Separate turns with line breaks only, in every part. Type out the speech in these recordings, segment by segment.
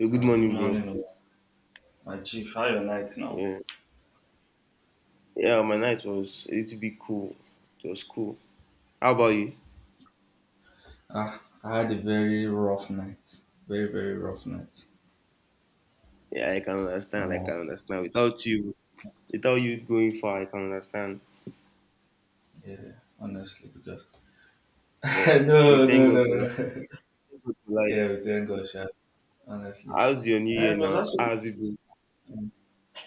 Good
Good
morning, bro.
morning, oh, my chief. How your night now?
Yeah, yeah, my night was a little bit cool. It was cool. How about you?
Ah, I had a very rough night. Very, very rough night.
Yeah, I can understand.
I'm
I
all,
can understand. Without you going far, I can understand.
yeah, honestly, because
But we
No, no,
thank
no,
God for
no.
life. Thank God for life.
Yeah, we thank God, sha, honestly.
How's your new
And
year
it was
now?
actually
How's it been?
um,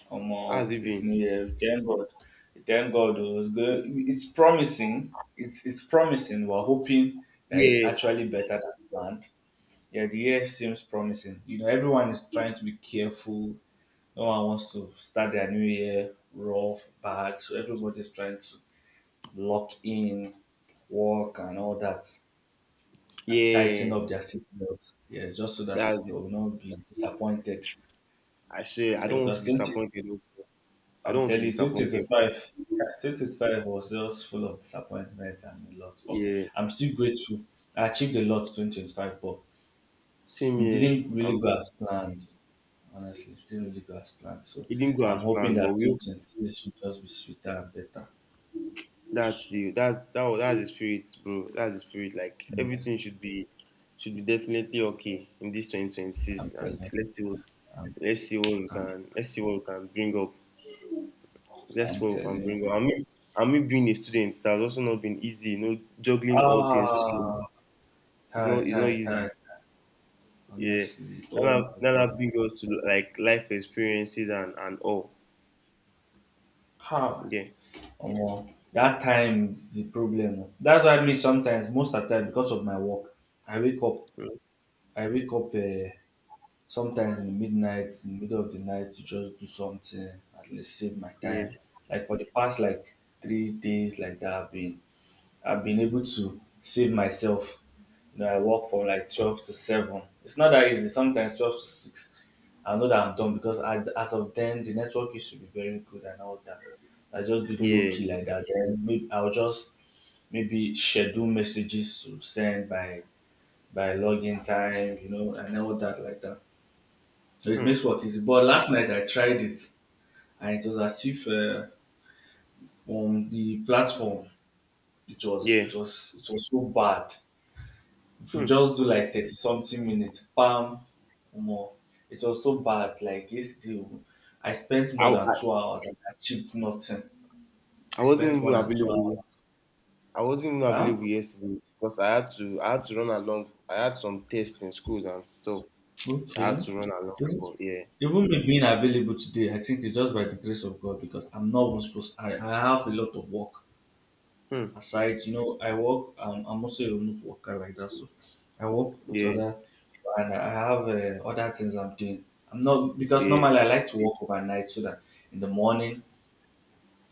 How's it
this new
been?
year. We thank God. We thank God. It was good. It's promising. It's promising. We're hoping that it's
Yeah,
actually better than planned. Yeah, the year seems promising. You know, everyone is trying to be careful. No one wants to start their new year rough, bad. So everybody's trying to lock in work and all that and tighten
yeah.
up their seatbelts. Yes, just so
That's
that they
it.
will not be disappointed.
I say I
Yeah,
don't want
because
to be
20,
disappointed, oh. I don't
I'm
want to
telling
be
you, twenty twenty
disappointed.
five, 2025 was just full of disappointment and a lot. But
Yeah,
I'm still grateful. I achieved a lot 2025, but
same
it
here.
didn't really
I'm.
go as planned. Honestly, it didn't really go as planned. So
It didn't go
I'm
as
hoping
planned, but
that
we
2026 will just be sweeter and better.
That's the spirit, bro. That's the spirit. Like
Mm.
everything should be definitely okay in this
I'm
2026,
telling
and
you.
let's see what
I'm,
let's see what we
I'm,
can let's see what we can bring up. Let's
I'm
see what we can
telling you.
bring up. I mean, being a student that has also not been easy. You know, juggling all things together.
Ah,
It's
Kai,
not it's not
Kai, Kai.
easy. Yeah,
Honestly,
that
oh
have-
my
that
God,
have bring us to like life experiences and all.
how?
Yeah.
Omo, that time is the problem, oh. That's why me sometimes, most of the time, because of my work, I wake up,
Mm.
I wake up sometimes in the midnight, in the middle of the night to just do something, at least save my
Yeah,
time. Like for the past like 3 days, like that, I've been able to save myself. You know, I work from like 12 to 7. It's not that easy. Sometimes 12 to 6. I know that I'm done because I, as of then, the network used to be very good and all that. I just did low
yeah.
key like that. Then maybe I'll just maybe schedule messages to send by login time, you know, and all that like that. So it
Hmm.
makes work easy. But last night I tried it, and it was as if on the platform it was
Yeah.
it was it was so bad. If you
Hmm.
just do like 30 something minutes, bam, more. It was so bad. Like yesterday, I spent more
I,
than
I
2 hours and I achieved nothing.
I
I
wasn't
spent more
even
than two
available
hours.
I wasn't even
Huh?
available yesterday because I had to run along. I had some tests in schools and stuff. I had
Okay.
to run along
Even
for, yeah.
even me being available today, I think it's just by the grace of God because I'm not even supposed I have a lot of work
Hmm.
aside. You know, I work. I'm also a remote worker like that, so I work with
Yeah,
other, and I have other things I'm doing. I'm not because
yeah.
normally I like to work overnight so that in the morning,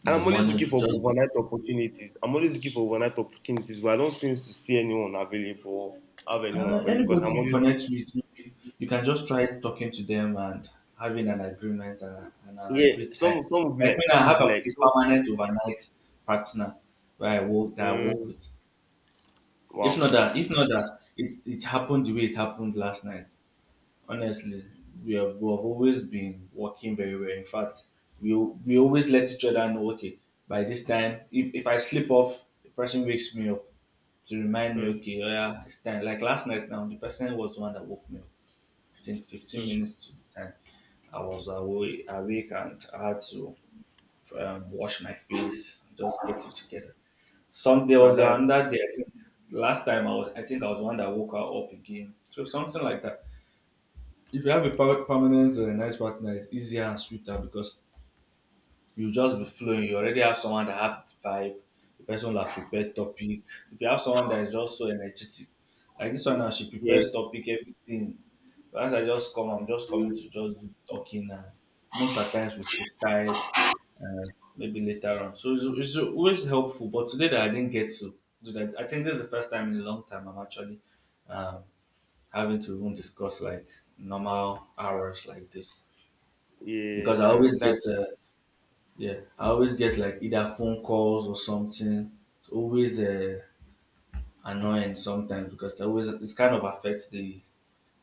in
And
the
I'm always
morning
looking
to
for
just be,
overnight opportunities. I'm always looking for overnight opportunities, but I don't seem to see anyone available or have anyone available because
anybody
I'm
you
always,
connect with, maybe you can just try talking to them and having an agreement and and a
yeah.
great time.
Some will be
Like
like
when
some
I
will
have
be like
a
some
permanent overnight partner where I work
mm,
with.
wow.
If not that, it happened the way it happened last night. Honestly, we have always been working very well. In fact, we always let each other know, okay, by this time, if I slip off, the person wakes me up to remind me,
Hmm.
okay, oh yeah, it's time. Like last night now, the person was the one that woke me up. I think 15
Hmm.
minutes to the time I was awake and I had to wash my face, just get it together. Some There
Ah,
was
that.
another day, I think last time I think I was the one that woke her up again. So something like that. If you have a permanent and a nice partner, it's easier and sweeter because you just be flowing. You already have someone that have the vibe. The person will have prepared topic. If you have someone that is just so energetic, like this one now, she
Yeah,
prepares topic, everything. As I just come, I'm just coming to just do talking and most at times with freestyle and maybe later on. So it's always helpful. But today that I didn't get to do that, I think this is the first time in a long time I'm actually um, having to even discuss like normal hours like this
yeah.
because I always
That.
get yeah I always get like either phone calls or something. It's always annoying sometimes because it always it's kind of affects the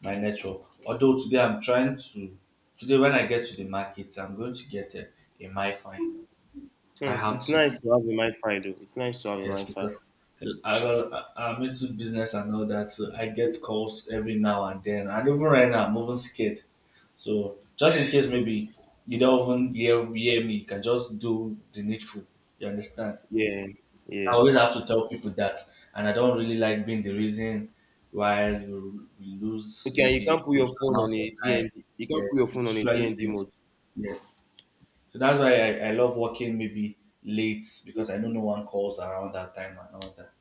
my network. Although today I'm trying to today when I get to the market I'm going to get a MiFi. I
Hmm.
have
It's
to.
nice to have a mind fire though. It's nice to have a
Yes,
mind fire.
because I- am into business and all that, so I get calls every now and then. And even right now, I'm even scared. So just in case maybe you don't even hear me, you can just do the needful. You understand?
Yeah,
I
yeah.
always have to tell people that, and I don't really like being the reason why we lose
Okay, and you
maybe a
can't put
good
your phone
amount
on
of
a
time.
DND. You can't put your
Yes,
phone
it's
on a
usually
DND
painful.
mode.
Yeah. So that's why I love working maybe late because I know no one calls around that time and all that.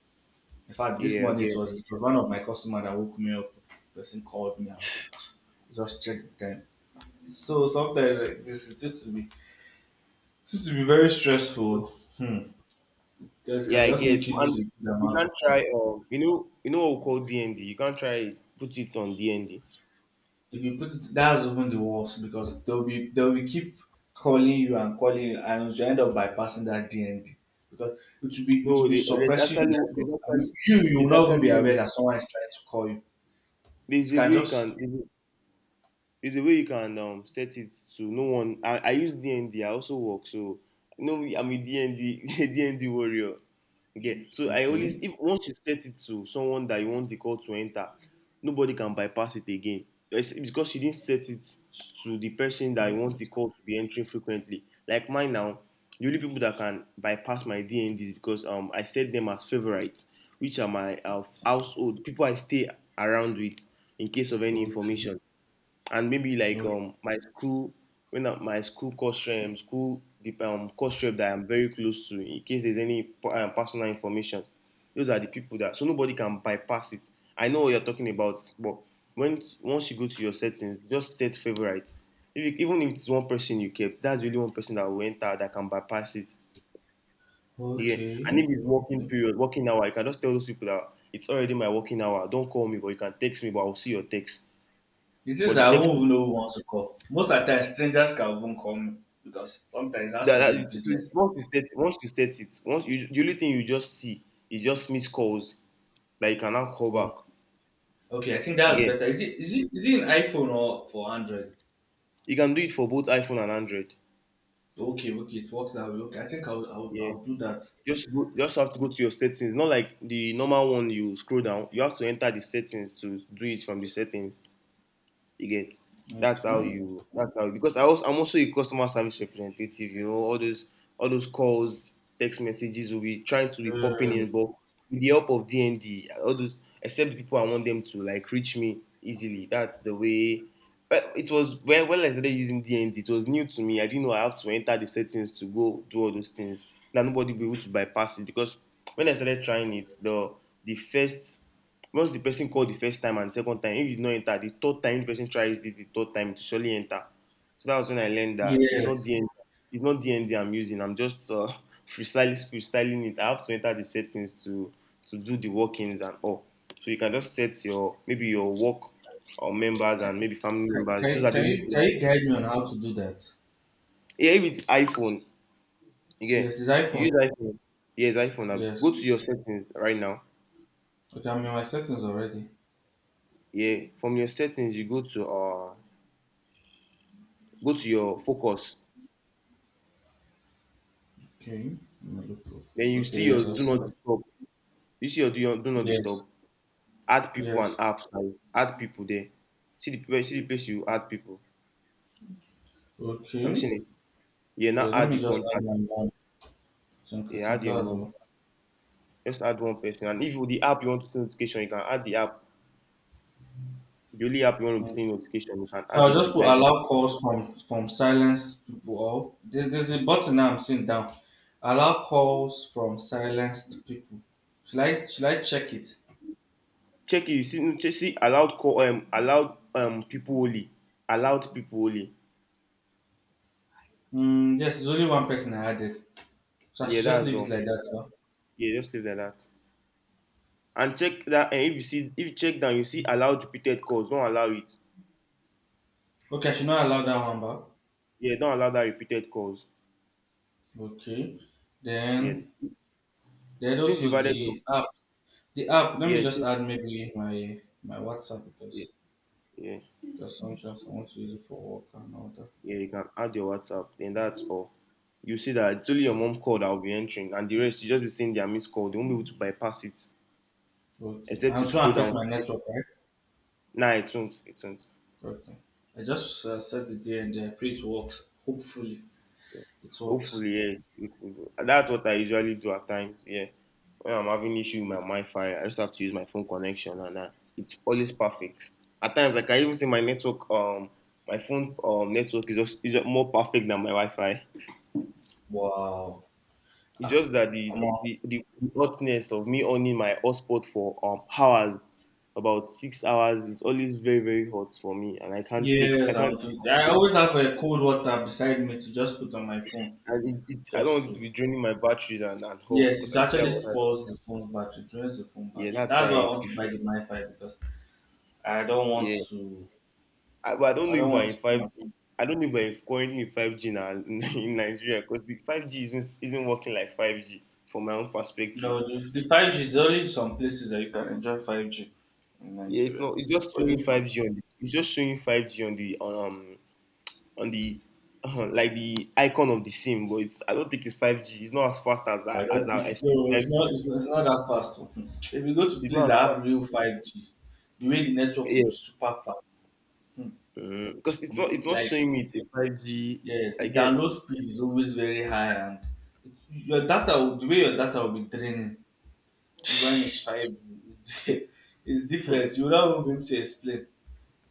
In fact, this
Yeah, I
morning
get.
it was one of my customers that woke me up. Person called me. I was like, just check the time. So sometimes like this, it used to be very stressful. Hmm. Because it
Yeah,
can
I
just
get.
make you lose
And
a good
you
amount of
can't try.
time.
You know what we call DND. You can't try put it on DND.
If you put it, that's even the worst because they'll be keep calling you and you end up bypassing that DND because it will
No,
be
they,
suppressing your network. And if you will
there's
not even be
actually
aware that someone is trying to call you. It
there's a
can
way you can.
just
It's the way you can set it to no one. I use DND. I also work, so no, I'm a DND warrior. Okay, so I always
okay,
if once you set it to someone that you want the call to enter, nobody can bypass it again. It's because you didn't set it to the person that you want the call to be entering frequently. Like mine now, the only people that can bypass my DNDs because I set them as favorites, which are my household people I stay around with in case of any
okay,
information, and maybe like
okay.
my school when I, my school course school the course rep that I'm very close to, in case there's any personal information. Those are the people that, so nobody can bypass it. I know what you're talking about, but when once you go to your settings, just set favorites. If you, even if it's one person you kept, that's really one person that will enter, that can bypass it. Yeah, and
Okay.
if it's working
Okay.
period, working hour, you can just tell those people that it's already my working hour, don't call me but you can text me but I'll see your text,
It is
but the
I
text.
won't even know who wants to call. Most of the time, strangers can even call me because sometimes it has to do with
That, that, so
business.
once you set, once you set it, once you the only thing you just see is just missed calls that you can now call
So,
back
okay, I think that's
again.
better. Is it is it an iPhone or for Android?
You can do it for both iPhone and Android.
Okay, okay, it works that way. Okay, I think
Yeah.
I'll do that.
Just have to go to your settings. Not like the normal one you scroll down. You have to enter the settings to do it from the settings. You get. that's how
Okay.
you that's how because I'm also a customer service representative, you know, all those calls, text messages will be trying to be popping
Uh.
in, but with the help of D and D, all those except the people I want them to like reach me easily. That's the way. But it was when I started using D and D, it was new to me. I didn't know I have to enter the settings to go do all those things. Now nobody will be able to bypass it because when I started trying it, the first, once the person call the first time and second time, if you no enter, the third time the person tries it, the third time to surely enter. So that was when I learned that it's not
Yes.
dnd it's not dnd I'm using. I'm just freestyling it. I have to enter the settings to do the workings and all. So you can just set your, maybe your work or members, and
Can,
maybe family members. Those are the only people
can
that.
you guide me on how to do that?
Yeah, if it's iPhone. Yeah,
Yes, it's
you use
iPhone.
iPhone. Yes, iPhone, now
Yes.
go to your settings right now.
Okay, I'm in my settings already.
Yeah, from your settings you go to your focus.
Okay. Malu Profile.
Then you
Okay.
see
Yes,
your
I've
do
seen
not
it.
disturb. You see your do not
Yes.
disturb. Add people and
Yes.
apps, and add people there. See the place you add people. Have you
Okay.
seen it? Yeah,
Yeah,
now
let
add
me
the
just add
contact.
my own. I
Yeah,
think
add your
that's
mom.
all.
Just add one person. And if with the app you want to see notification, you can add the app. The only app you want to be
Mm.
seeing notification, you can
So
add
I'll
it
just put
beside it.
allow calls from silence people or there's a button now I'm seeing down. Allow calls from silenced people. Should I check it?
Check it. You see, check, see allowed people only. Allowed people only.
Mm, yes, there's only one person I added. So I
Yeah,
should just
that's
leave it
all.
like that. Huh?
Yeah, just leave it like that. And check that, and if you check down, you see allowed repeated calls, don't allow it.
Okay, I should not allow that one back.
Yeah, don't allow that repeated calls.
Okay.
Yeah.
Then there's
Since you've
also
added your,
the app. The app, let me
yeah,
just add maybe my WhatsApp
yeah,
because
yeah,
there's sometimes I want to use it for work and all that.
yeah, you can add your WhatsApp, then that's all. You see that it's only your mom call that will be entering, and the rest you just be seeing their missed call. They won't be able to bypass it,
Okay,
except you
I'm trying
scroll
to fix
down
my
to check.
network, right?
Nah, it won't. It won't.
Okay. I just set the day and pray it works. Hopefully, it works.
Hopefully, yeah. It, it, that's what I usually do at times. Yeah, when I'm having issue with my Wi-Fi, I just have to use my phone connection, and it's always perfect. At times, like I even see my network, my phone network is just more perfect than my Wi-Fi.
Wow.
It's
Ah,
just that the
I'm
the,
off.
the, the hotness of me owning my hotspot for hours, about 6 hours, is always very very hot for me, and I can't take
Yes,
I
I'll
can't. take
do.
my
I
phone.
always have a cold water beside me to just put on my phone,
And it's I don't
just
want it to
to.
be draining my battery and all
Yes,
because
it
I still
actually
have other-
spoils the phone's battery, drains the phone
Yeah,
battery.
that's
That's
why
why I
I
want to buy
prefer.
the MiFi because I don't want
Yeah.
to.
But I don't
I
know
don't
if we're
want to
in
put
five
my
G.
phone.
I don't know if we're currently in 5G now in Nigeria because the 5G isn't working like 5G from my own perspective.
No, the 5G is only some places that you can enjoy 5G in
Yeah, it's
Nigeria.
not. It's just
What do you
showing five
think?
G on the. It's just showing five G on the like the icon of the sim, but I don't think it's 5G. It's not as fast as
I
I-
don't
as I
think it,
expect
no, it's
5G.
not, it's not that fast, oh. If you go to
It's
place
not as
that have
fast.
real 5G, the way the network will be
Yeah,
super fast.
because it's not
You,
it's not
like,
showing me it's a 5G.
yeah, the
I get.
download speed is always very high, and your the way your data will be draining, even it's 5G, is di- is
Hmm.
different. You will not even be able to explain.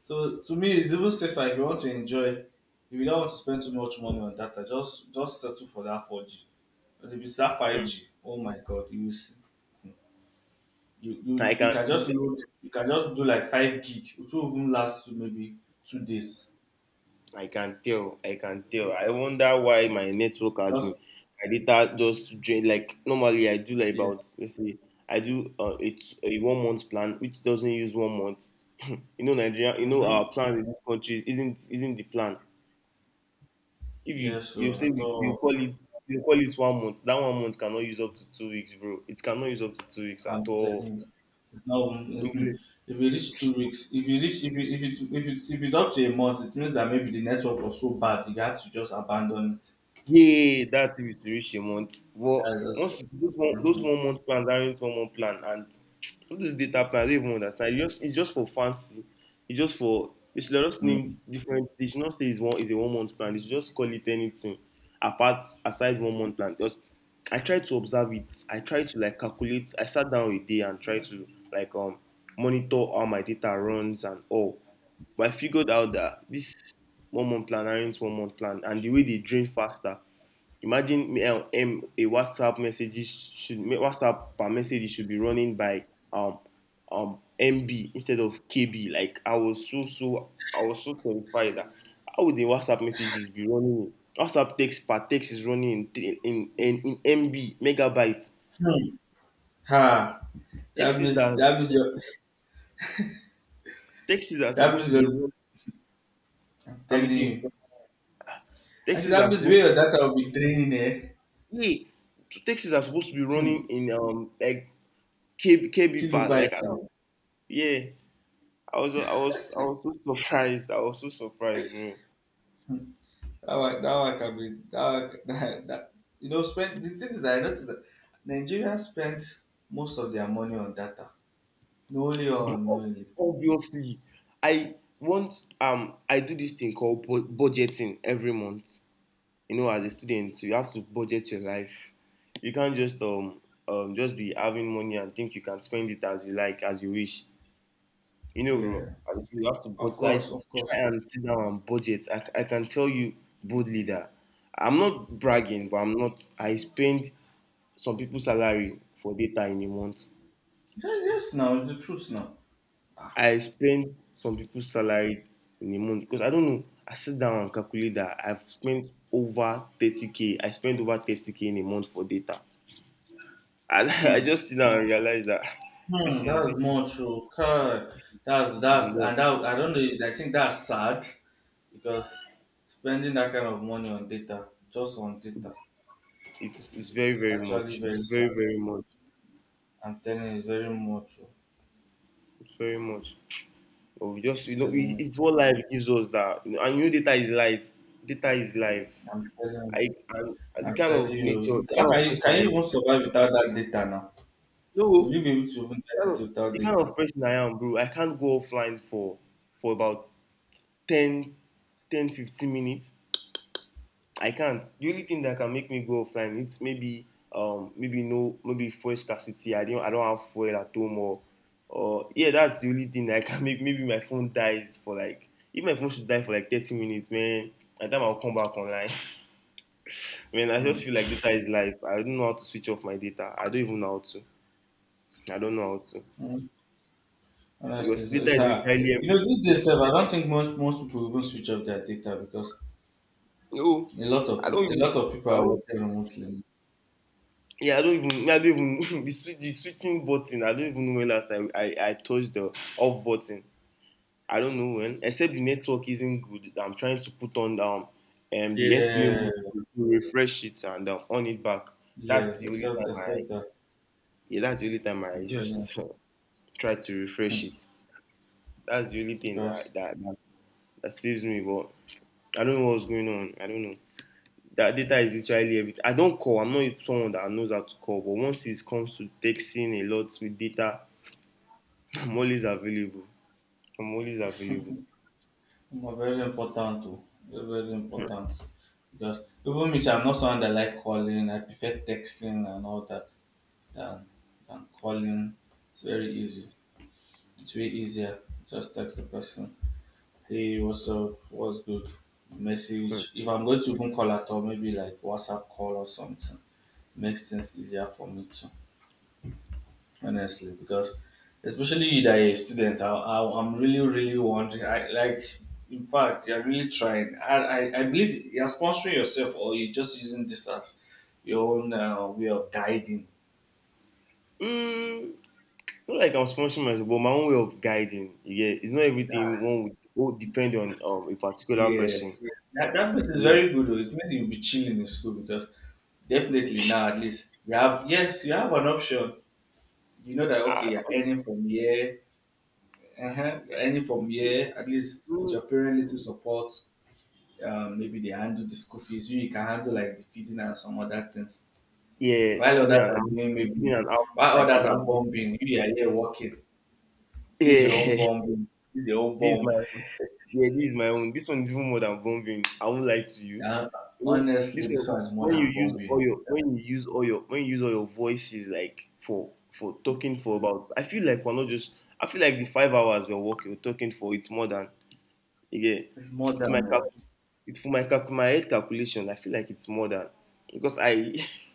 So, to me, it's even safer if you want to enjoy, if you don't want to spend too much money on data, just settle for that 4G. But if it's that 5G, oh my god, you will see.
I
You can just
can
load you can just do like 5 gig. It will even last maybe 2 days.
I can tell. I can tell. I wonder why my network has
Because
been. My data just drain. Like normally, I do like
yeah.
about, let's say, I do it's a one month plan which doesn't use one month. You know Nigeria. You know our
Mm-hmm.
plan in this country isn't the plan. If
Yeah,
you
so
say,
at
we
all
you call it one month, that one month cannot use up to 2 weeks, bro. It cannot use up to 2 weeks at
I'm
all.
telling you. It's hmm if you reach 2 weeks, if you reach if it if it's up to a month, it means that maybe the network was so bad you had to just abandon it.
Yeah, that thing with reach a month. But
That's just
once
it.
you, those
Mm-hmm.
one month plans aren't one month plan, and all those data plans I don't even understand. It's just for fancy. It's just for, they should have just named different, they should not say it's a one month plan. They should just call it anything apart aside one month plan. Because I tried to observe it. I tried to like calculate, I sat down a day and tried to like monitor how my data runs and all. But I figured out that this one month plan aren't one month plan and the way they drain faster. Imagine me, a WhatsApp messages should WhatsApp per message, it should be running by um MB instead of KB. Like I was so terrified that how would the WhatsApp messages be running? WhatsApp text per text is running in th- in MB megabytes.
Hmm. Ha. That
Texts is
means
that
that means your
texts are
that
supposed to
means
be
your
run.
I'm
I'm
telling
with you.
you. I said
Texts
that
are
means the way
supposed.
your data will be draining, eh.
Yeah, texts are supposed to be
Hmm.
running in like KB, KB per
Kilobytes
I don't- yeah. I was so surprised. I was so surprised, bro.
now. That one can be that, one, that, that you know spend the thing is that I noticed that Nigerians spend most of their money on data. Knowingly or
Bro,
unknowingly.
obviously, I do this thing called budgeting every month. You know, as a student, you have to budget your life. You can't just be having money and think you can spend it as you like, as you wish. You know, bro.
Yeah.
As you have to
Of
budget. I
course, of
try
course.
and sit down and budget. I can tell you boldly that I'm not bragging, but I'm not. I spend some people's salary for data in a month.
Yeah, yes now, it's the truth now. Ah,
I spend some people's salary in a month because I don't know. I sit down and calculate that I've spent over 30k. I spent over 30k in a month for data. And I
hmm.
just sit down and realize that
Hmm,
this is
that's
this
more true. Kai,
this is
that's
much.
and that I don't know, I think that's sad because spending that kind of money on data, just on data,
It's
it's
very
it's
very
actually
much. It's
very
very
sad.
very much.
I'm telling you, it's very more true.
It's very much. But we just
I'm telling
we,
you.
it's what life gives us that you know, and you know data is life. Data is life.
I'm telling
I and
you.
the
I
kind
tell
of
you,
nature,
you-
the
how
kind
can
of
you
person
can
I
you
am.
even survive without that data now? Will
No,
you be able to even get into without
the kind
data?
of person I am, bro, I can't go offline for about 10, 10, 15 minutes. I can't. The only thing that can make me go offline it's maybe maybe no maybe fuel scarcity. I don't have fuel at home or yeah, that's the only thing that I can make. Maybe my phone dies for like if my phone should die for like 30 minutes, man. By the time I'll come back online. Man, I
Hmm.
just feel like data is life. I don't know how to switch off my data. I don't even know how to. I don't know how to.
Hmm. Honestly,
Because
so
data
it's
is
hard.
literally
You know, these days, sef, I don't think most people even switch off their data because
No,
a lot of
I don't
a
even.
lot of people
I
are
don't,
working remotely.
yeah, I don't even. The the switching button. I don't even know when last time I touched the off button. I don't know when. Except the network isn't good. I'm trying to put on the airplane
Yeah,
mode to refresh it and on it back. That's
yes,
the only
except
time I.
except that
Yeah, that's the only time I
I'm telling you,
just try to refresh
hmm,
it. That's the only thing
because
that saves me. But I don't know what's going on. I don't know. That data is literally everything. I don't call. I'm not someone that knows how to call. But once it comes to texting a lot with data, I'm always available. I'm always available.
it's very important too. Very very
Mm,
important because even me, I'm not someone that like calling. I prefer texting and all that. than than calling. It's very easy. It's way easier. Just text the person. Hey, what's up? What's good? Message. If I'm going to even call at all, maybe like WhatsApp call or something. Makes things easier for me too, honestly, because especially you that are a I'm really, really wondering. I like, in fact, you're really trying. I believe you're sponsoring yourself or you're just using this as your own way of guiding.
mm, not like I'm sponsoring myself, but my own way of guiding. Yeah, it's not everything one would depend on a particular person.
Yes.
Yeah,
That place is
yeah.
very good though. It means you'll be chilling in school because definitely now at least you have yes, you have an option. You know that
I,
okay, you're earning from here, uh-huh, you're earning from here, at least with
mm,
your parent little support. Maybe they handle the school fees, you can handle like the feeding and some other things.
yeah,
While others
feeling and
are
out,
doing maybe
feeling and out.
while
I
others
can
are
handle
bombing, you are here working. This is your own
this. Yeah,
bombing, this is your own
this is
bomb.
my Yeah, this is my own. This one is even more than bombing. I won't lie to you.
Uh,
You know, this
Honestly, this
one
one is more
when you
than
use all
bombing.
your when you use all your when you use all your voices like for talking for about I feel like we're not just I feel like the 5 hours we're working we're talking for it's more than yeah.
It's more
It's my
than
cal-
no.
it's for my calc- my head calculation. I feel like it's more than because I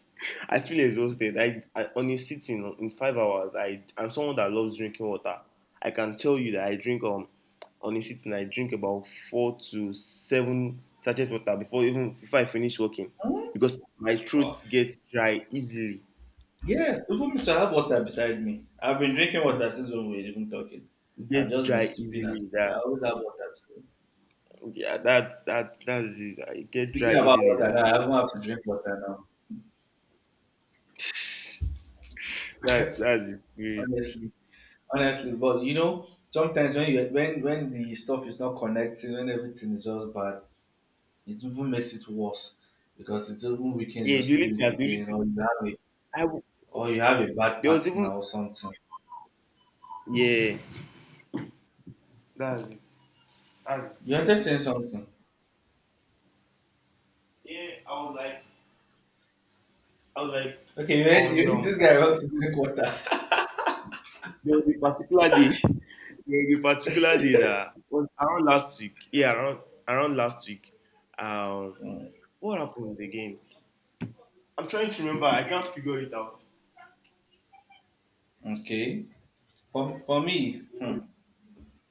I feel exhausted. I on a sitting in 5 hours. I'm someone that loves drinking water. I can tell you that I drink on a sitting. I drink about 4 to 7 sachets water before I finish working,
Hmm?
because my
Wow.
throat gets dry easily.
Yes, even me to have water beside me. I've been drinking water since when we were even talking. I've
Gets
just been
dry
sipping at.
easily.
I
That
always have water beside me.
yeah. that that that's it. I get
Speaking
dry
about
easily.
water
That
now,
I
I haven't have to drink water now.
just, that's the spirit.
Honestly. Honestly. But you know, sometimes when you when the stuff is not connecting, when everything is just bad, it even makes it worse. Because it even weakens your
Yeah. The
spirit
only
again
thing.
or you have a
I w-
or you have a bad
there was
partner
even
or something.
yeah. That's it. That's the
You are
spirit.
just saying something.
Yeah, I was like, I was like,
Okay,
on
this guy wants to drink water.
there was a particular day, there was a particular day that was around last week. Yeah, around last week. Um,
Mm,
what happened again? I'm trying to remember. I can't figure it out.
okay. For me, hmm,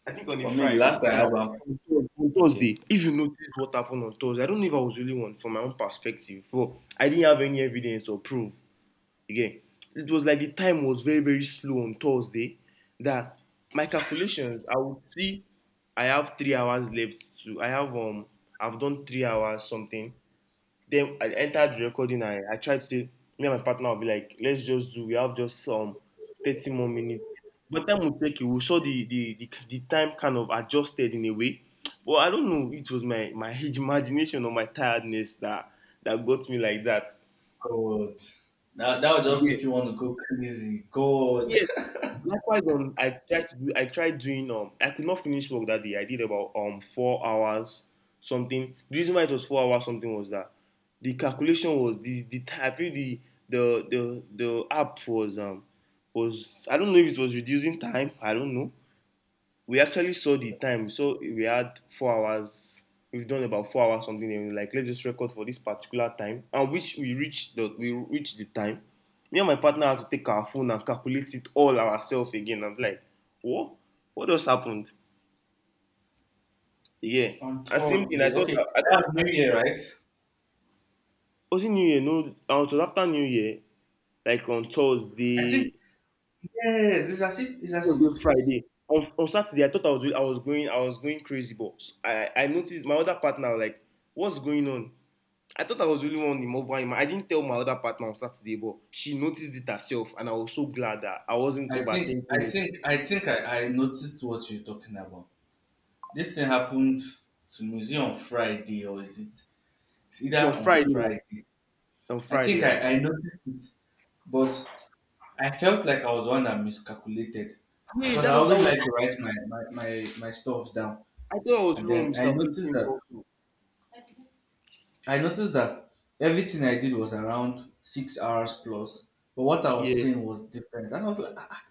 I think on a
for me, the last
Friday,
I had one,
on on
okay,
Thursday. If you notice what happened on Thursday, I don't know if I was really one from my own perspective, but I didn't have any evidence or proof. Again, it was like the time was very, very slow on Thursday, that my calculations, I would see I have 3 hours left to I have I've done 3 hours something. Then I entered the recording. I tried to say me and my partner will be like, let's just do we have just 30 more minutes. But time will take you, we saw the time kind of adjusted in a way. But I don't know, it was my my imagination or my tiredness that got me like that.
God, that would just
Yeah.
make you want to go crazy, God.
Yes. Likewise, I tried doing I could not finish work that day. I did about 4 hours something. The reason why it was 4 hours something was that the calculation was I feel the the app was I don't know if it was reducing time. I don't know, we actually saw the time. So we had 4 hours. We've done about 4 hours something, and we're like let's just record for this particular time, and which we reached the time. Me and my partner had to take our phone and calculate it all ourselves again. I'm like, what? What else happened? Yeah.
On
And same thing.
Thursday, okay,
I thought.
that's New Year, right?
Was it New Year? No. It was after New Year, like on
I think
Thursday,
yes, it's as if it's as
Thursday,
if
Friday. On Saturday, I thought I was going crazy, but I noticed my other partner was like, what's going on? I thought I was the only one in mobile. I didn't tell my other partner on Saturday, but she noticed it herself, and I was so glad that I wasn't
I think I
overthinking it.
think I think I, I noticed what you're talking about. This thing happened to me. Is it on Friday or is it? It's either
It's on
on
Friday, right?
Friday.
On
I
Friday,
think
right?
I, I noticed it, but I felt like I was one that miscalculated
Yeah,
because I
that
always
was.
like to write my stuff down.
I thought I was the
And
only one
then I
miscalculating
noticed
it
that
also.
I noticed that everything I did was around 6 hours plus. But what I was
Yeah,
seeing was different. And I was like, "Ah, ah,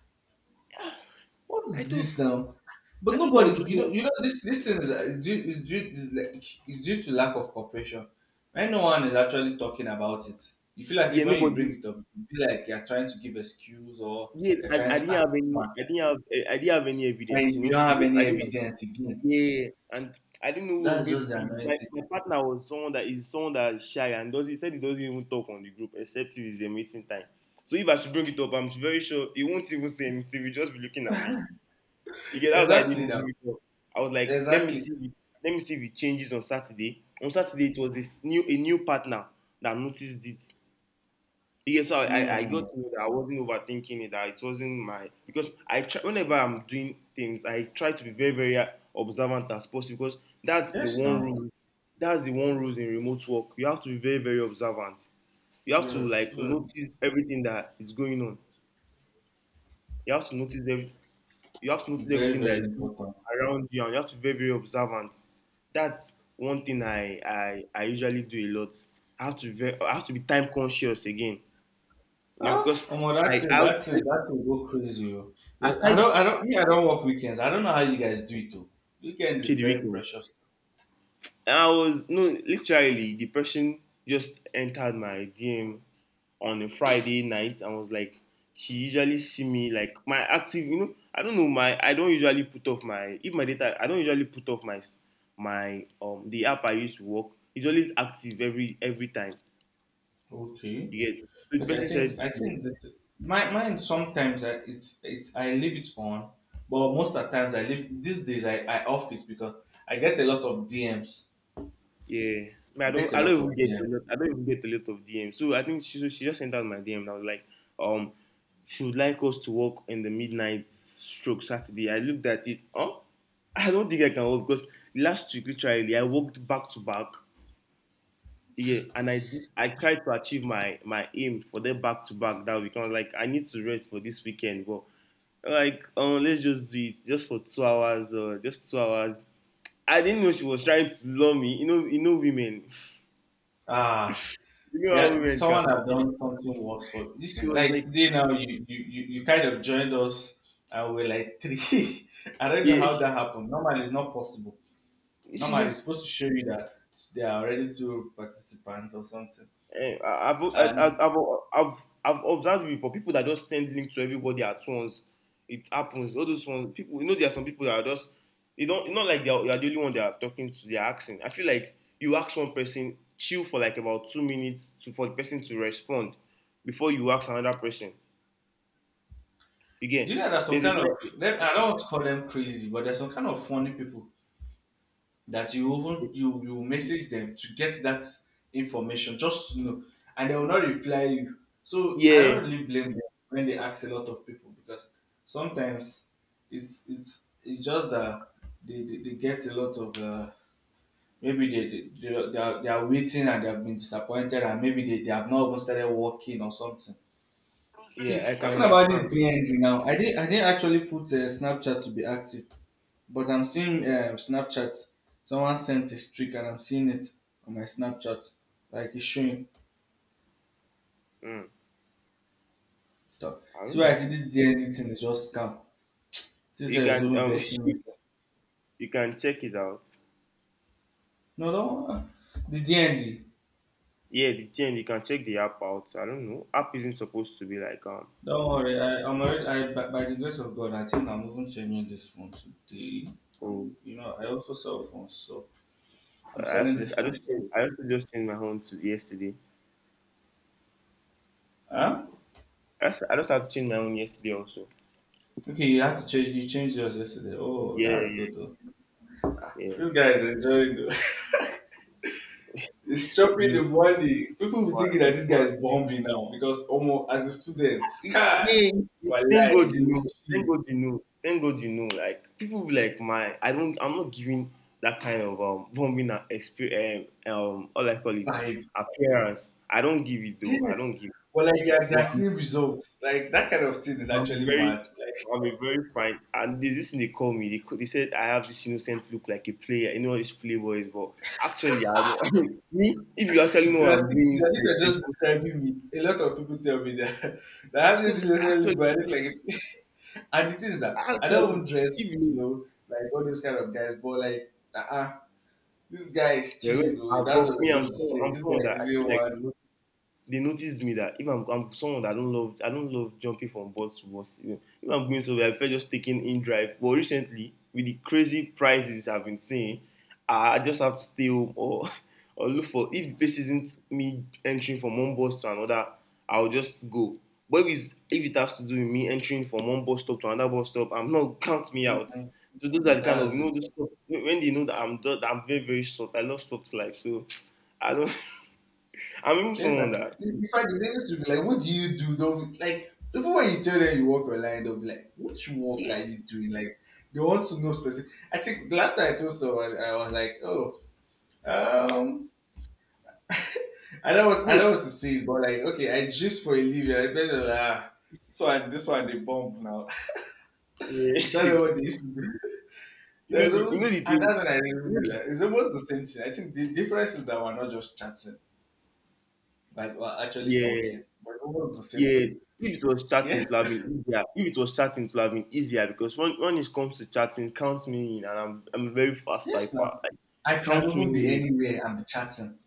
what
I
is
thought
this now?" But
I thought I
nobody,
was the
you
only
know,
one.
you know, this thing is due is due is like is due to lack of cooperation. When no one is actually talking about it, you feel like if
Yeah,
when you bring
nobody.
it up, you feel like you're trying to give excuse or
Yeah,
you're trying
I
to
didn't
act
have any.
smart.
I didn't have. Eh, I didn't have any evidence.
And
You
you
know,
don't have
I
any
didn't.
evidence again.
Yeah, and I didn't know who I was
That's
going to
just the
be.
annoying thing.
My partner was someone that is shy and does he said he doesn't even talk on the group except if it's the meeting time. So if I should bring it up, I'm very sure he won't even say anything. He'll just be looking at me. You get that's why I didn't
Exactly
even
that.
bring it up. I was like,
Exactly.
let me see if it changes on Saturday. On Saturday, it was this new a new partner that noticed it. Yes, I
Mm.
got to know that I wasn't overthinking it, that it wasn't my because I try, whenever I'm doing things, I try to be very very observant as possible because that's the
Yes,
one
now.
rule. That's the one rule in remote work. You have to be very very observant. You have to
Yes.
like notice everything that is going on. You have to notice every, you have to notice
Very,
everything
very
that is going
important.
on around you, and you have to be very very observant. That's one thing I usually do a lot. I have to be time conscious again, you know,
Ah,
because
Omo, that's
I
it.
I,
That's it.
I
That will go crazy, oh. The- I
aside
don't. I don't. Me, I don't work weekends. I don't know how you guys do it. Though. Weekend
say
is
the
very
weekend,
precious.
I was no, literally depression just entered my DM on a Friday night and was like, she usually see me like my active, you know, I don't know my I don't usually put off my if my data, I don't usually put off my the app I use to work, it's always active every time,
Okay.
you get. So the
Okay. I
person said
think. I
she
think that my mine sometimes I, it's I leave it on, but most of the times I leave. These days I off it because I get a lot of DMs.
yeah. Man,
I bet a
I
lot
don't
of
even get a
them.
lot, I don't even get a lot of DMs. So I think she so she just sent out my DM and I was like, um, she would like us to work in the midnight stroke Saturday. I looked at it, huh? I don't think I can work because last week literally I worked back to back. Yeah, and I tried to achieve my my aim for the back to back that week. I was like, "I need to rest for this weekend, but let's just do it just for 2 hours or just two hours." I didn't know she was trying to lure me. You know, women.
Ah,
You know how
yeah,
women
someone
can
have
be.
done something worse for this
She
is
was
like
like,
today now you kind of joined us and we're like three. I don't know
yeah,
how that happened. Normally it's not possible.
she's
Normally it's
like,
supposed to show you that there are already two participants or something.
eh, I- I've, I- I've,
And
I've, I've observed before people that just send link to everybody at once. It happens. All those ones, people, you know, there are some people that are just, you don't, it's not like they are, you are the only one they are talking to, they are asking. I feel like you ask one person, chill for like about 2 minutes to, for the person to respond before you ask another person.
do
Again,
you know there's some
there's a
kind
time,
of them I don't want to call them crazy, but there's some kind of funny people that you even you you message them to get that information just to know, and they will not reply you, so I
yeah,
don't really blame them when they ask a lot of people because sometimes it's just that they get a lot of maybe they are waiting and they have been disappointed and maybe they have not even started working or something. See,
yeah, I can
talking about this
understand. Though.
DND now, I didn't actually put Snapchat to be active, but I'm seeing Snapchat. Someone sent a streak and I'm seeing it on my Snapchat. Like it's showing
Mm,
stuff.
I
See
don't
why, I
know.
see this DND thing is just scam. This
You
is
can,
even versing me.
you can check it out.
No, don't the DND.
Yeah, the thing, you can check the app out. I don't know. App isn't supposed to be like
Don't worry. I, I'm already, I, by the grace of God, I think I'm even changing this phone today. I'm,
Oh,
you know, I also sell phones, so I'm selling this
I
phone
just changed-
today.
I also just changed my own to yesterday.
Huh?
I just had to change my own yesterday also.
Okay, you had to change. You changed yours yesterday. Oh,
Yeah,
that's good
yeah,
though.
yeah.
This guy is enjoying though. It's chopping
This
the body. People be thinking
one,
that
this
this guy
one.
is bombing now because almost as a student, Sky,
Yeah. Thank
wallahi,
God you
you'll be
know.
chill,
Thank God you know. Thank God you know. Like people be like my, I don't. I'm not giving that kind of bombing experience. All I call it
vibe.
appearance. I don't give it
Yes.
though. I don't give.
But like yeah, they're
But
seeing results. Like that kind of thing is
I'm a
actually mad.
very,
Like
I'm a very fine. And this thing they call me. They, co- they said I have this innocent look like a player. You know all these playboys, but actually, I don't. Me, if you actually know
it's
what
as
I'm
if,
doing
it's as if
inside,
you're just
24
describing me. A lot of people tell me that that I have this
if-
little
actually,
look, but I look like a- and the thing is that I don't even
actually,
dress,
if
you
you,
know, like all those kind of guys, but like this guy is
well,
chilling
well,
though.
I've
That's what
got-
I
me,
just be saying.
I'm
This
someone
guy
that
is
I
the
feel
one.
like they noticed me that if I'm, I'm someone that I don't love jumping from bus to bus. You know, if I'm going somewhere, I prefer just taking in drive. But recently, with the crazy prices I've been seeing, I just have to stay home or or look for if the place isn't me entering from one bus to another, I'll just go. But if it has to do with me entering from one bus stop to another bus stop, I'm not count me out.
Mhm.
So those are
No,
the kind of,
that's
you know,
it.
those stops, when they know that I'm very very short. I love stops life, so I don't. I'm even
There's
someone
a,
that
in fact, they used to be like, "What do you do?" They'll be like, even when you tell them you work online, they'll be like, "Which work are you doing?" Like, they want to know specific. I think the last time I told someone, I was like, "Oh, um, I
bro,
don't want to say it, but like, okay, I just for a living." I better like, ah, this one, they bump now.
eh,
Is that
you
what they used to do?
know
There's
the you know
almost,
the
and
thing.
that's when I
You
realized
know
that
the-
it's almost the same thing. I think the difference is that we're not just chatting. Like we're actually
yeah,
talking, but no the same
yeah.
thing.
If it was chatting,
Yes,
it would have been easier. If it was chatting, it would have been easier because when it comes to chatting, count me in, and I'm a very fast
yes.
typer.
Now
Like
I can
count me
even be
in.
anywhere and be chatting.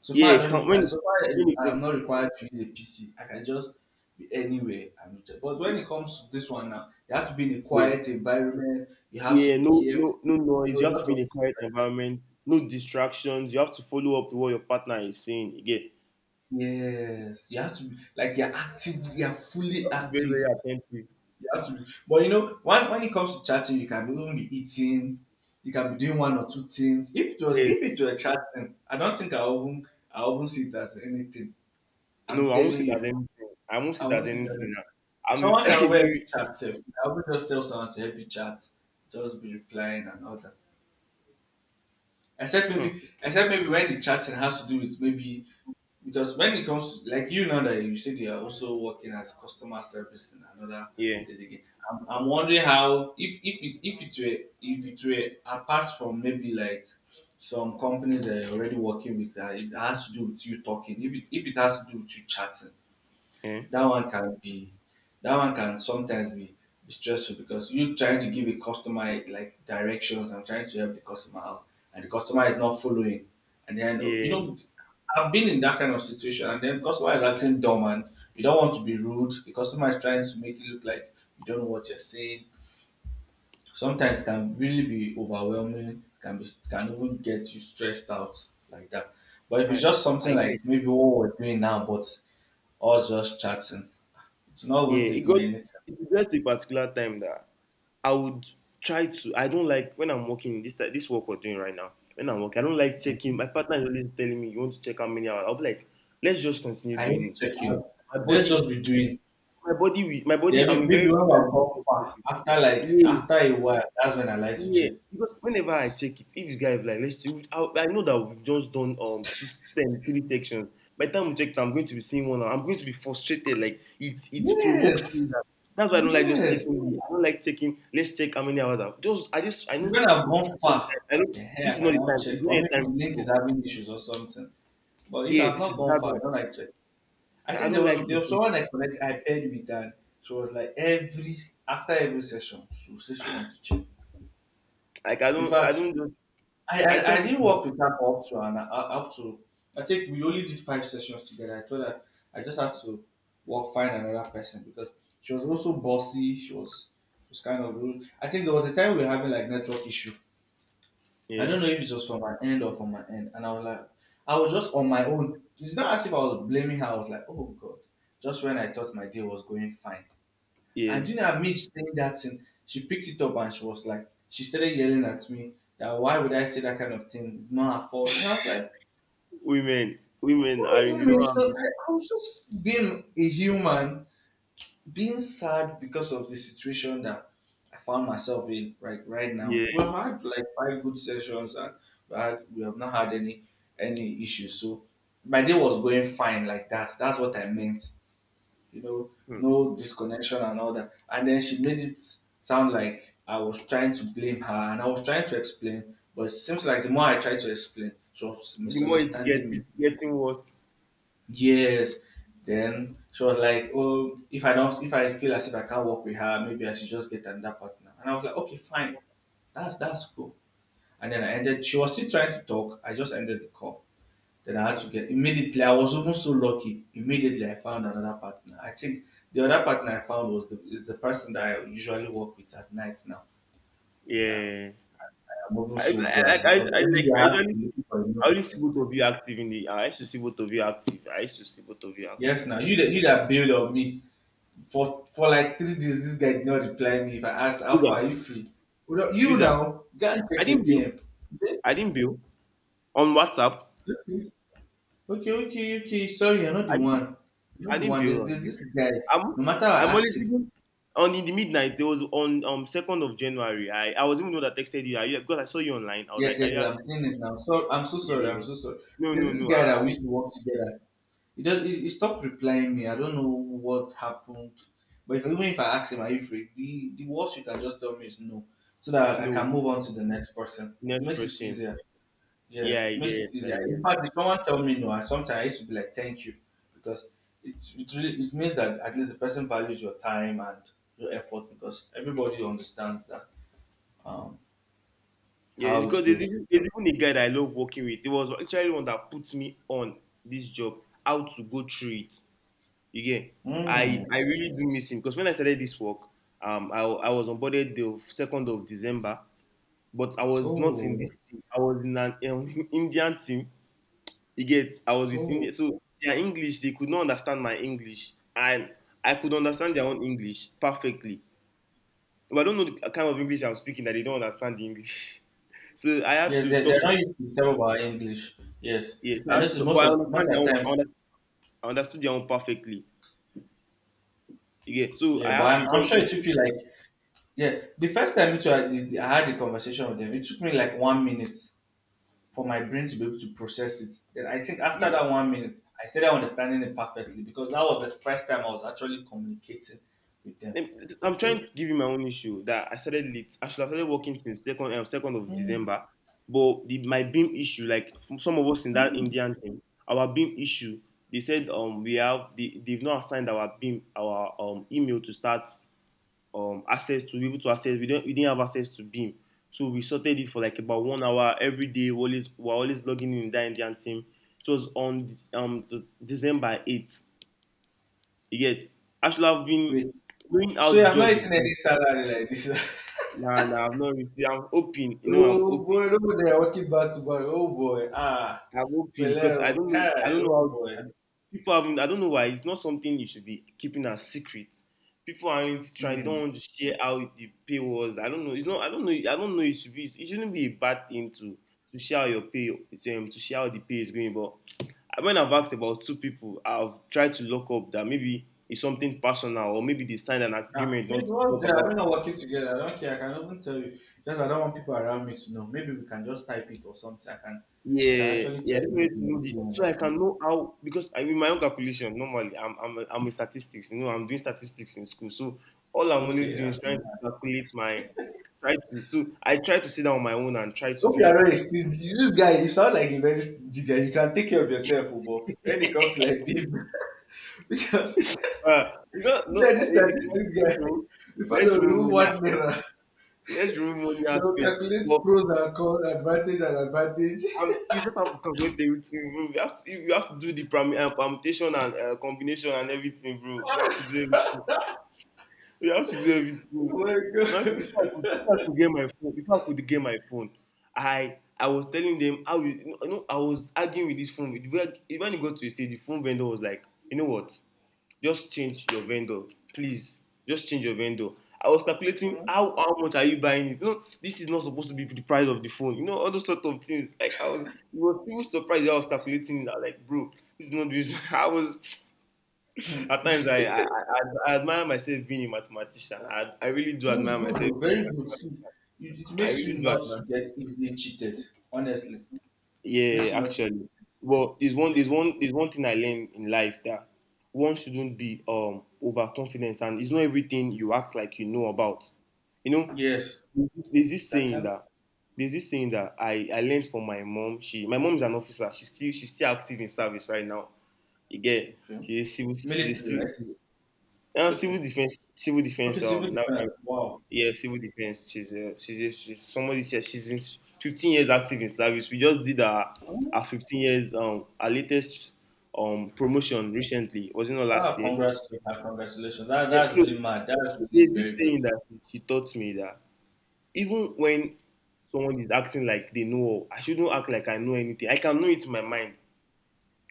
So far,
Yeah,
I don't.
count
Need, so far,
when
is- I'm
it
not required to use a PC. I can just be anywhere and be chat. But when
comes.
it comes to this one now, you have to be in a
Yeah,
quiet environment. You have to
yeah.
be
No,
careful.
no,
You
no
know
noise. You
a
have to
lot
be
of
in a
things
quiet
like that.
environment. No distractions. You have to follow up with what your partner is saying. Again,
Yes, you have to be like you're active. You're
you
fully
have to be very
active.
very attentive.
You have to be. But you know, when it comes to chatting, you can even be eating, you can be doing one or two things. If it was
Yes,
if it were chatting, I don't think I even see it as anything.
no,
I'm
I won't
telling
sit as
you,
anything. I won't
I
sit
won't
as
see it as
anything. I'm
someone can
I
over help you
mean,
chat. Self. I will just tell someone to help you chat, just be replying and all that. Except maybe,
hmm.
when the chatting has to do with maybe because when it comes to, like you know that you said you are also working as customer service in another
Yeah.
place again, I'm wondering how if it were apart from maybe like some companies that are already working with that it has to do with you talking if it has to do with you chatting
Yeah.
that one can be, that one can sometimes be stressful because you trying to give a customer like directions and trying to help the customer out and the customer is not following, and then you
Yeah.
know I've been in that kind of situation and then customer is acting dumb and you don't want to be rude, the customer is trying to make it look like you don't know what you're saying. Sometimes can really be overwhelming, can be, can even get you stressed out like that. But if it's
I,
just something
I
like
get.
maybe what we're doing now, but us just chatting, it's not
Yeah.
even
It
taking my
got.
anytime.
It got a particular time that I would try to. I don't like when I'm working this ti- this work we're doing right now. When I'm working, I don't like checking.
Mhm.
My partner is always telling me, "You want to check how many hours?" I'll be like, "Let's just continue
I
doing
hate
it."
checking
I-
up.
my
Let's
body,
just be doing.
my
Yeah,
body. I'm a
maybe
very
when I've
time
gone
conscious
far,
person.
after
Yeah.
after a while, that's when I like to
Yeah,
check.
because whenever I check it, if you guys like, let's see, I know that we've just done two, ten, three sections. By the time we check, I'm going to be seeing one. I'm going to be frustrated. Like it provokes me.
Yes,
That's why I don't like just
yes.
checking. I don't like checking. Let's check how many hours. I've, just I
It's
know
when I've
this
gone
is not the
far.
time. I know
Yeah, I
this is not
can
the
now
time.
check.
It's not
Or
a time
maybe the
to
link
stop.
is having issues or something. But if
Yeah,
I've
this
not
is
gone
that
far, I
one.
don't like check. I
I
think there
don't
was
like
there was
checking.
someone I connect I paired with, and she was like every, after every session, she would say she wants to check.
Like
In
I
fact,
don't just
I,
I
I
tell
I didn't
people that.
work with her for up to an up to, I think we only did five sessions together. I told her, I just had to work find another person because she was also bossy. She was kind of rude. I think there was a time we were having like network issue. I
Yeah,
don't know if it was from my end or from my end, and I was like, I was just on my own. It's not as if I was blaming her. I was like, oh god, just when I thought my day was going fine, and
yeah.
do you know amid saying that thing, she picked it up and she was like, she started yelling at me that why would I say that kind of thing? It's not her fault. And I was like,
Women, women
why
are in
even
they don't have this.
mention? I was just being a human, being sad because of the situation that I found myself in right now. We
Yeah.
had like five good sessions and we have not had any issues. So my day was going fine like that. That's what I meant, you know,
Hmm.
no disconnection and all that. And then she made it sound like I was trying to blame her, and I was trying to explain, but it seems like the more I tried to explain, she was
The more it gets,
misunderstanding me.
it's getting worse.
Yes. Then she was like, oh, if I feel as if I can't work with her, maybe I should just get another partner. And I was like, okay, fine. That's cool. And then I ended she was still trying to talk. I just ended the call. Then I had to get
Mm,
immediately. I was even so lucky. Immediately, I found another partner. I think the other partner I found was the is the person that I usually work with at night now. That
yeah,
I'm even so glad because
I
every day
like. I
I have to
usually
be looking
see.
for a new
I only see
person.
both of you active in the. I used to see both of you active. I used to see both of you active.
Yes, now you that build on me for like 3 days. This guy did not reply me. If I ask how far are
Wizard,
you free, you know- you
wizard.
now go and
I
check your
didn't bill.
DM.
I didn't bill on WhatsApp.
Okay, okay, okay, okay. Sorry, you're not the
I didn't.
one. You're
I
not the
didn't
one. There's,
bill
there's
on you.
this guy.
I'm.
No matter how I
I'm only
ask him,
thinking on in the midnight. It was on January 2nd. I was even the one that texted you. Are you because I saw you online. I was
yes,
like, are
yes,
you
I'm
active?
seeing it now. So I'm so
Yeah,
sorry. I'm
yeah.
so sorry.
No,
There's
no,
this
no.
guy that we
I-
used to work together. He does. He stopped replying me. I don't know what happened. But if, even if I ask him, are you free? The, worst you can just tell me is no, so that I can
no.
move on to the next person. It
Next
makes it
person.
easier. Yes,
Yeah,
it
I
makes
get.
it easier.
I
In
get.
fact, if someone tell me no, I used to be like thank you, because it's, it really it means that at least the person values your time and your effort, because everybody understands that um
Yeah,
how it
because
goes.
there's even a guy that I love working with. He was actually one that put me on this job, how to go through it. Again.
Hmm.
I really do miss him because when I started this work, I was onboarded the December 2nd, but I was not in this
Oh,
team. I was in an Indian team. You get? I was with
oh,
India, so their English they could not understand my English, and I could understand their own English perfectly. But I don't know the kind of English I'm speaking that they don't understand the English. So I had
yes,
to
they
talk
they're not
to
used to tell about English. Yes,
yes, I
I
had
noticed
to- but
most
I
of
understand their
the
own,
times.
I under- I understood their own perfectly. Yeah, so I
Yeah, but
had to
I'm sure
call.
it took you like, yeah. The first time it, I had a conversation with them, it took me like 1 minute for my brain to be able to process it. Then I think after that 1 minute, I started understanding it perfectly because that was the first time I was actually communicating with them.
I'm trying
So
to give you my own issue that I started late. I should have started working since second of
mm,
December, but my beam issue, like from some of us in that Indian team, our beam issue, they said we have they, they've not assigned our beam our email to start access to be able to access, we didn't have access to beam, so we sorted it for like about 1 hour every day. We always we're always logging in with that Indian team. It was on um December 8th. You get, I should have been
wait,
doing how
so you
the
have not
job is
eaten any
going.
salad like this?
Na na, I have not received. I'm hoping, you know, I'm
Oh
hoping,
boy, look at they are working back to back. Oh boy, ah,
I'm hoping
Pele,
because I don't know. I
okay,
don't know
oh boy.
how I- people haven't. I don't know why it's not something you should be keeping as secret. People aren't trying. They don't
Hmm.
want to share how the pay was. I don't know. It's not. I don't know. I don't know. It should be. It shouldn't be a bad thing to share how your pay to share how the pay is going. But when I've asked about two people, I've tried to lock up that maybe it's something personal or maybe they signed an
Ah,
agreement
mean,
not to
what's
talk
there? I
about
mean, not working together. I don't care. I can even tell you. Just I don't want people around me to know. Maybe we can just type it or something. I can
yeah,
actually
yeah,
tell
I
you
just wanted
maybe
to
in the
know the
DM
so
or
I can
something.
know how because I mean my own calculation normally I'm a statistics, you know, I'm doing statistics in school. So all I'm
Okay,
always doing
yeah.
is trying to calculate my try to so I try to sit down on my own and try to
Hope
do
you are
that.
not a stingy. This guy, you sound like a very stingy guy. You can take care of yourself, oh, but when it comes to like babe, because
You know
you
no
know, this
if
statistic
let's
guy,
remove
before they
let's
will
remove
remove
money
one mirror.
let's remove money
They will
aspect.
calculate
But
pros and cons, advantage and advantage.
you just have to calculate everything, bro. You have to do the perm- permutation and combination and everything, bro. You have to do everything. You have to do
Oh
everything.
my
If I could, if I
god.
could get my phone, if I could get my phone, I was telling them how you, you know I was arguing with this phone. It, was- when it got to a stage, the phone vendor was like, you know what, just change your vendor, please, just change your vendor. I was calculating how much are you buying it. You know, this is not supposed to be the price of the phone. You know, all those sort of things. Like I was, it was still surprised that I was calculating it. I was like, bro, this is not this. I was
Hmm.
at
No,
times, I admire myself being a mathematician. I really do
it's
admire
good,
myself
oh,
being
very
a
good. See, you- it
math- I
makes
really
you
do
not
admire.
to get easily cheated. Honestly, it makes
Yeah,
you not
actually.
easily.
Well,
Yeah.
there's one thing I learned in life that one shouldn't be overconfident, and it's not everything you act like you know about. You know,
Yes.
there's this
That
saying
time
that there's this saying that I learned from my mom. She my mom is an officer. She's still active in service right now. You get,
okay.
she's a
Military, right?
civil,
Okay.
civil
Okay,
defense
civil
now,
defense. Wow.
yeah, civil defense. She's somebody said she's in 15 years active in service. We just did our 15 years our latest promotion recently. Was it not last
Ah,
year?
congrats to her. Congratulations.
Yeah.
That's
So
really mad. That's really
there's this
very good.
saying that she taught me that even when someone is acting like they know, all, I shouldn't act like I know anything. I can know it in my mind,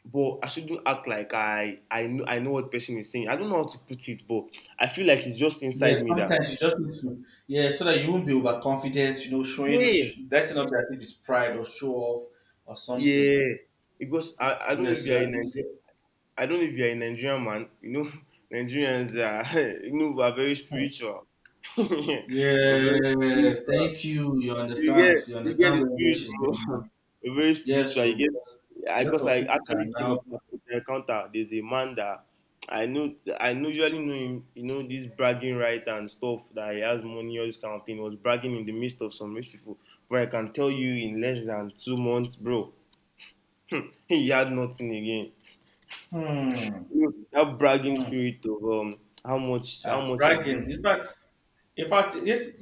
but I shouldn't act like I know what person is saying. I don't know how to put it, but I feel like it's just
Yeah,
inside me that
sometimes you just need to, yeah, so that you won't be overconfident, you know, showing,
yeah,
letting up that it is pride or show off or something.
yeah, because I don't know if
Yes,
you are
yeah,
in Nigeria. I don't know if you're a Nigerian man. You know, Nigerians are, you know, we are very
yeah.
spiritual. We're very
Yes,
spiritual.
thank you. You understand. You
You get
understand
the
where
spirit,
she's going
bro.
now.
We're very
Yes,
spiritual. You
so
get,
because
because
a lot of
I
people
actually
can
came
now,
up with an encounter. There's a man that I know, I usually know him, you know, this bragging right and stuff that he has money, all this kind of thing. He was bragging in the midst of some rich people. But I can tell you in less than 2 months, bro, he had nothing again.
hmm,
That bragging
hmm,
spirit of how
ah,
much is
bragging.
this,
In fact, yes,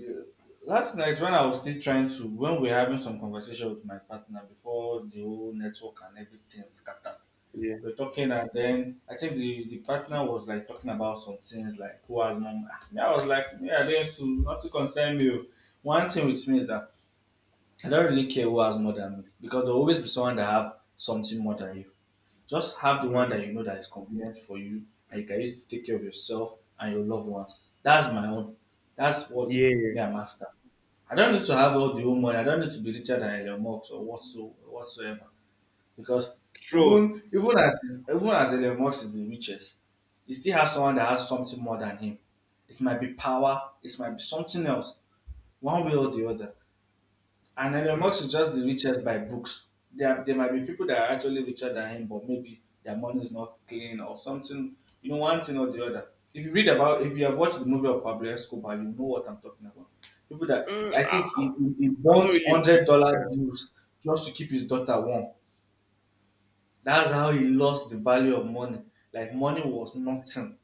last night when I was still trying to, when we were having some conversation with my partner before the whole network and everything scattered,
yeah,
we were talking and then I think the partner was like talking about some things like who has mom. Me, I was like, yeah, I used to not to concern you. One thing with me is that I don't really care who has more than me, because there will always be someone that have something more than you. Just have the one
mm,
that you know that is convenient for you and you can use to take care of yourself and your loved ones. That's my own. That's what me
yeah,
I'm after. I don't need to have all the whole money. I don't need to be richer than Elon Musk or whatsoever. Because
true,
even as Elon Musk is the richest, he still has someone that has something more than him. It might be power. It might be something else. One way or the other. And Elon
mm.
Musk is just the richest by books. There might be people that are actually richer than him, but maybe their money is not clean or something, you know, one thing or the other. If you read about, if you have watched the movie of Pablo Escobar, you know what I'm talking about. People that,
Mm,
I
I,
think he
I'm not
bonds
really a movie
$100 bills just to keep his daughter warm. That's how he lost the value of money. Like money was nothing.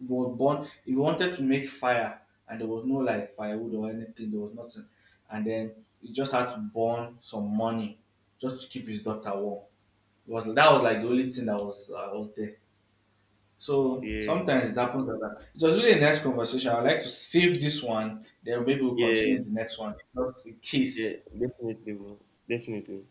It was born. He wanted to make fire, and there was no like firewood or anything. There was nothing, and then he just had to burn some money just to keep his daughter warm. It was That was like the only thing that was there. So
fan.
sometimes it happens like that. It was really a nice conversation. I'd like to save this one. Then maybe we'll
Yeah, yeah,
continue the next one. Just in
yeah,
case.
definitely bro. Definitely.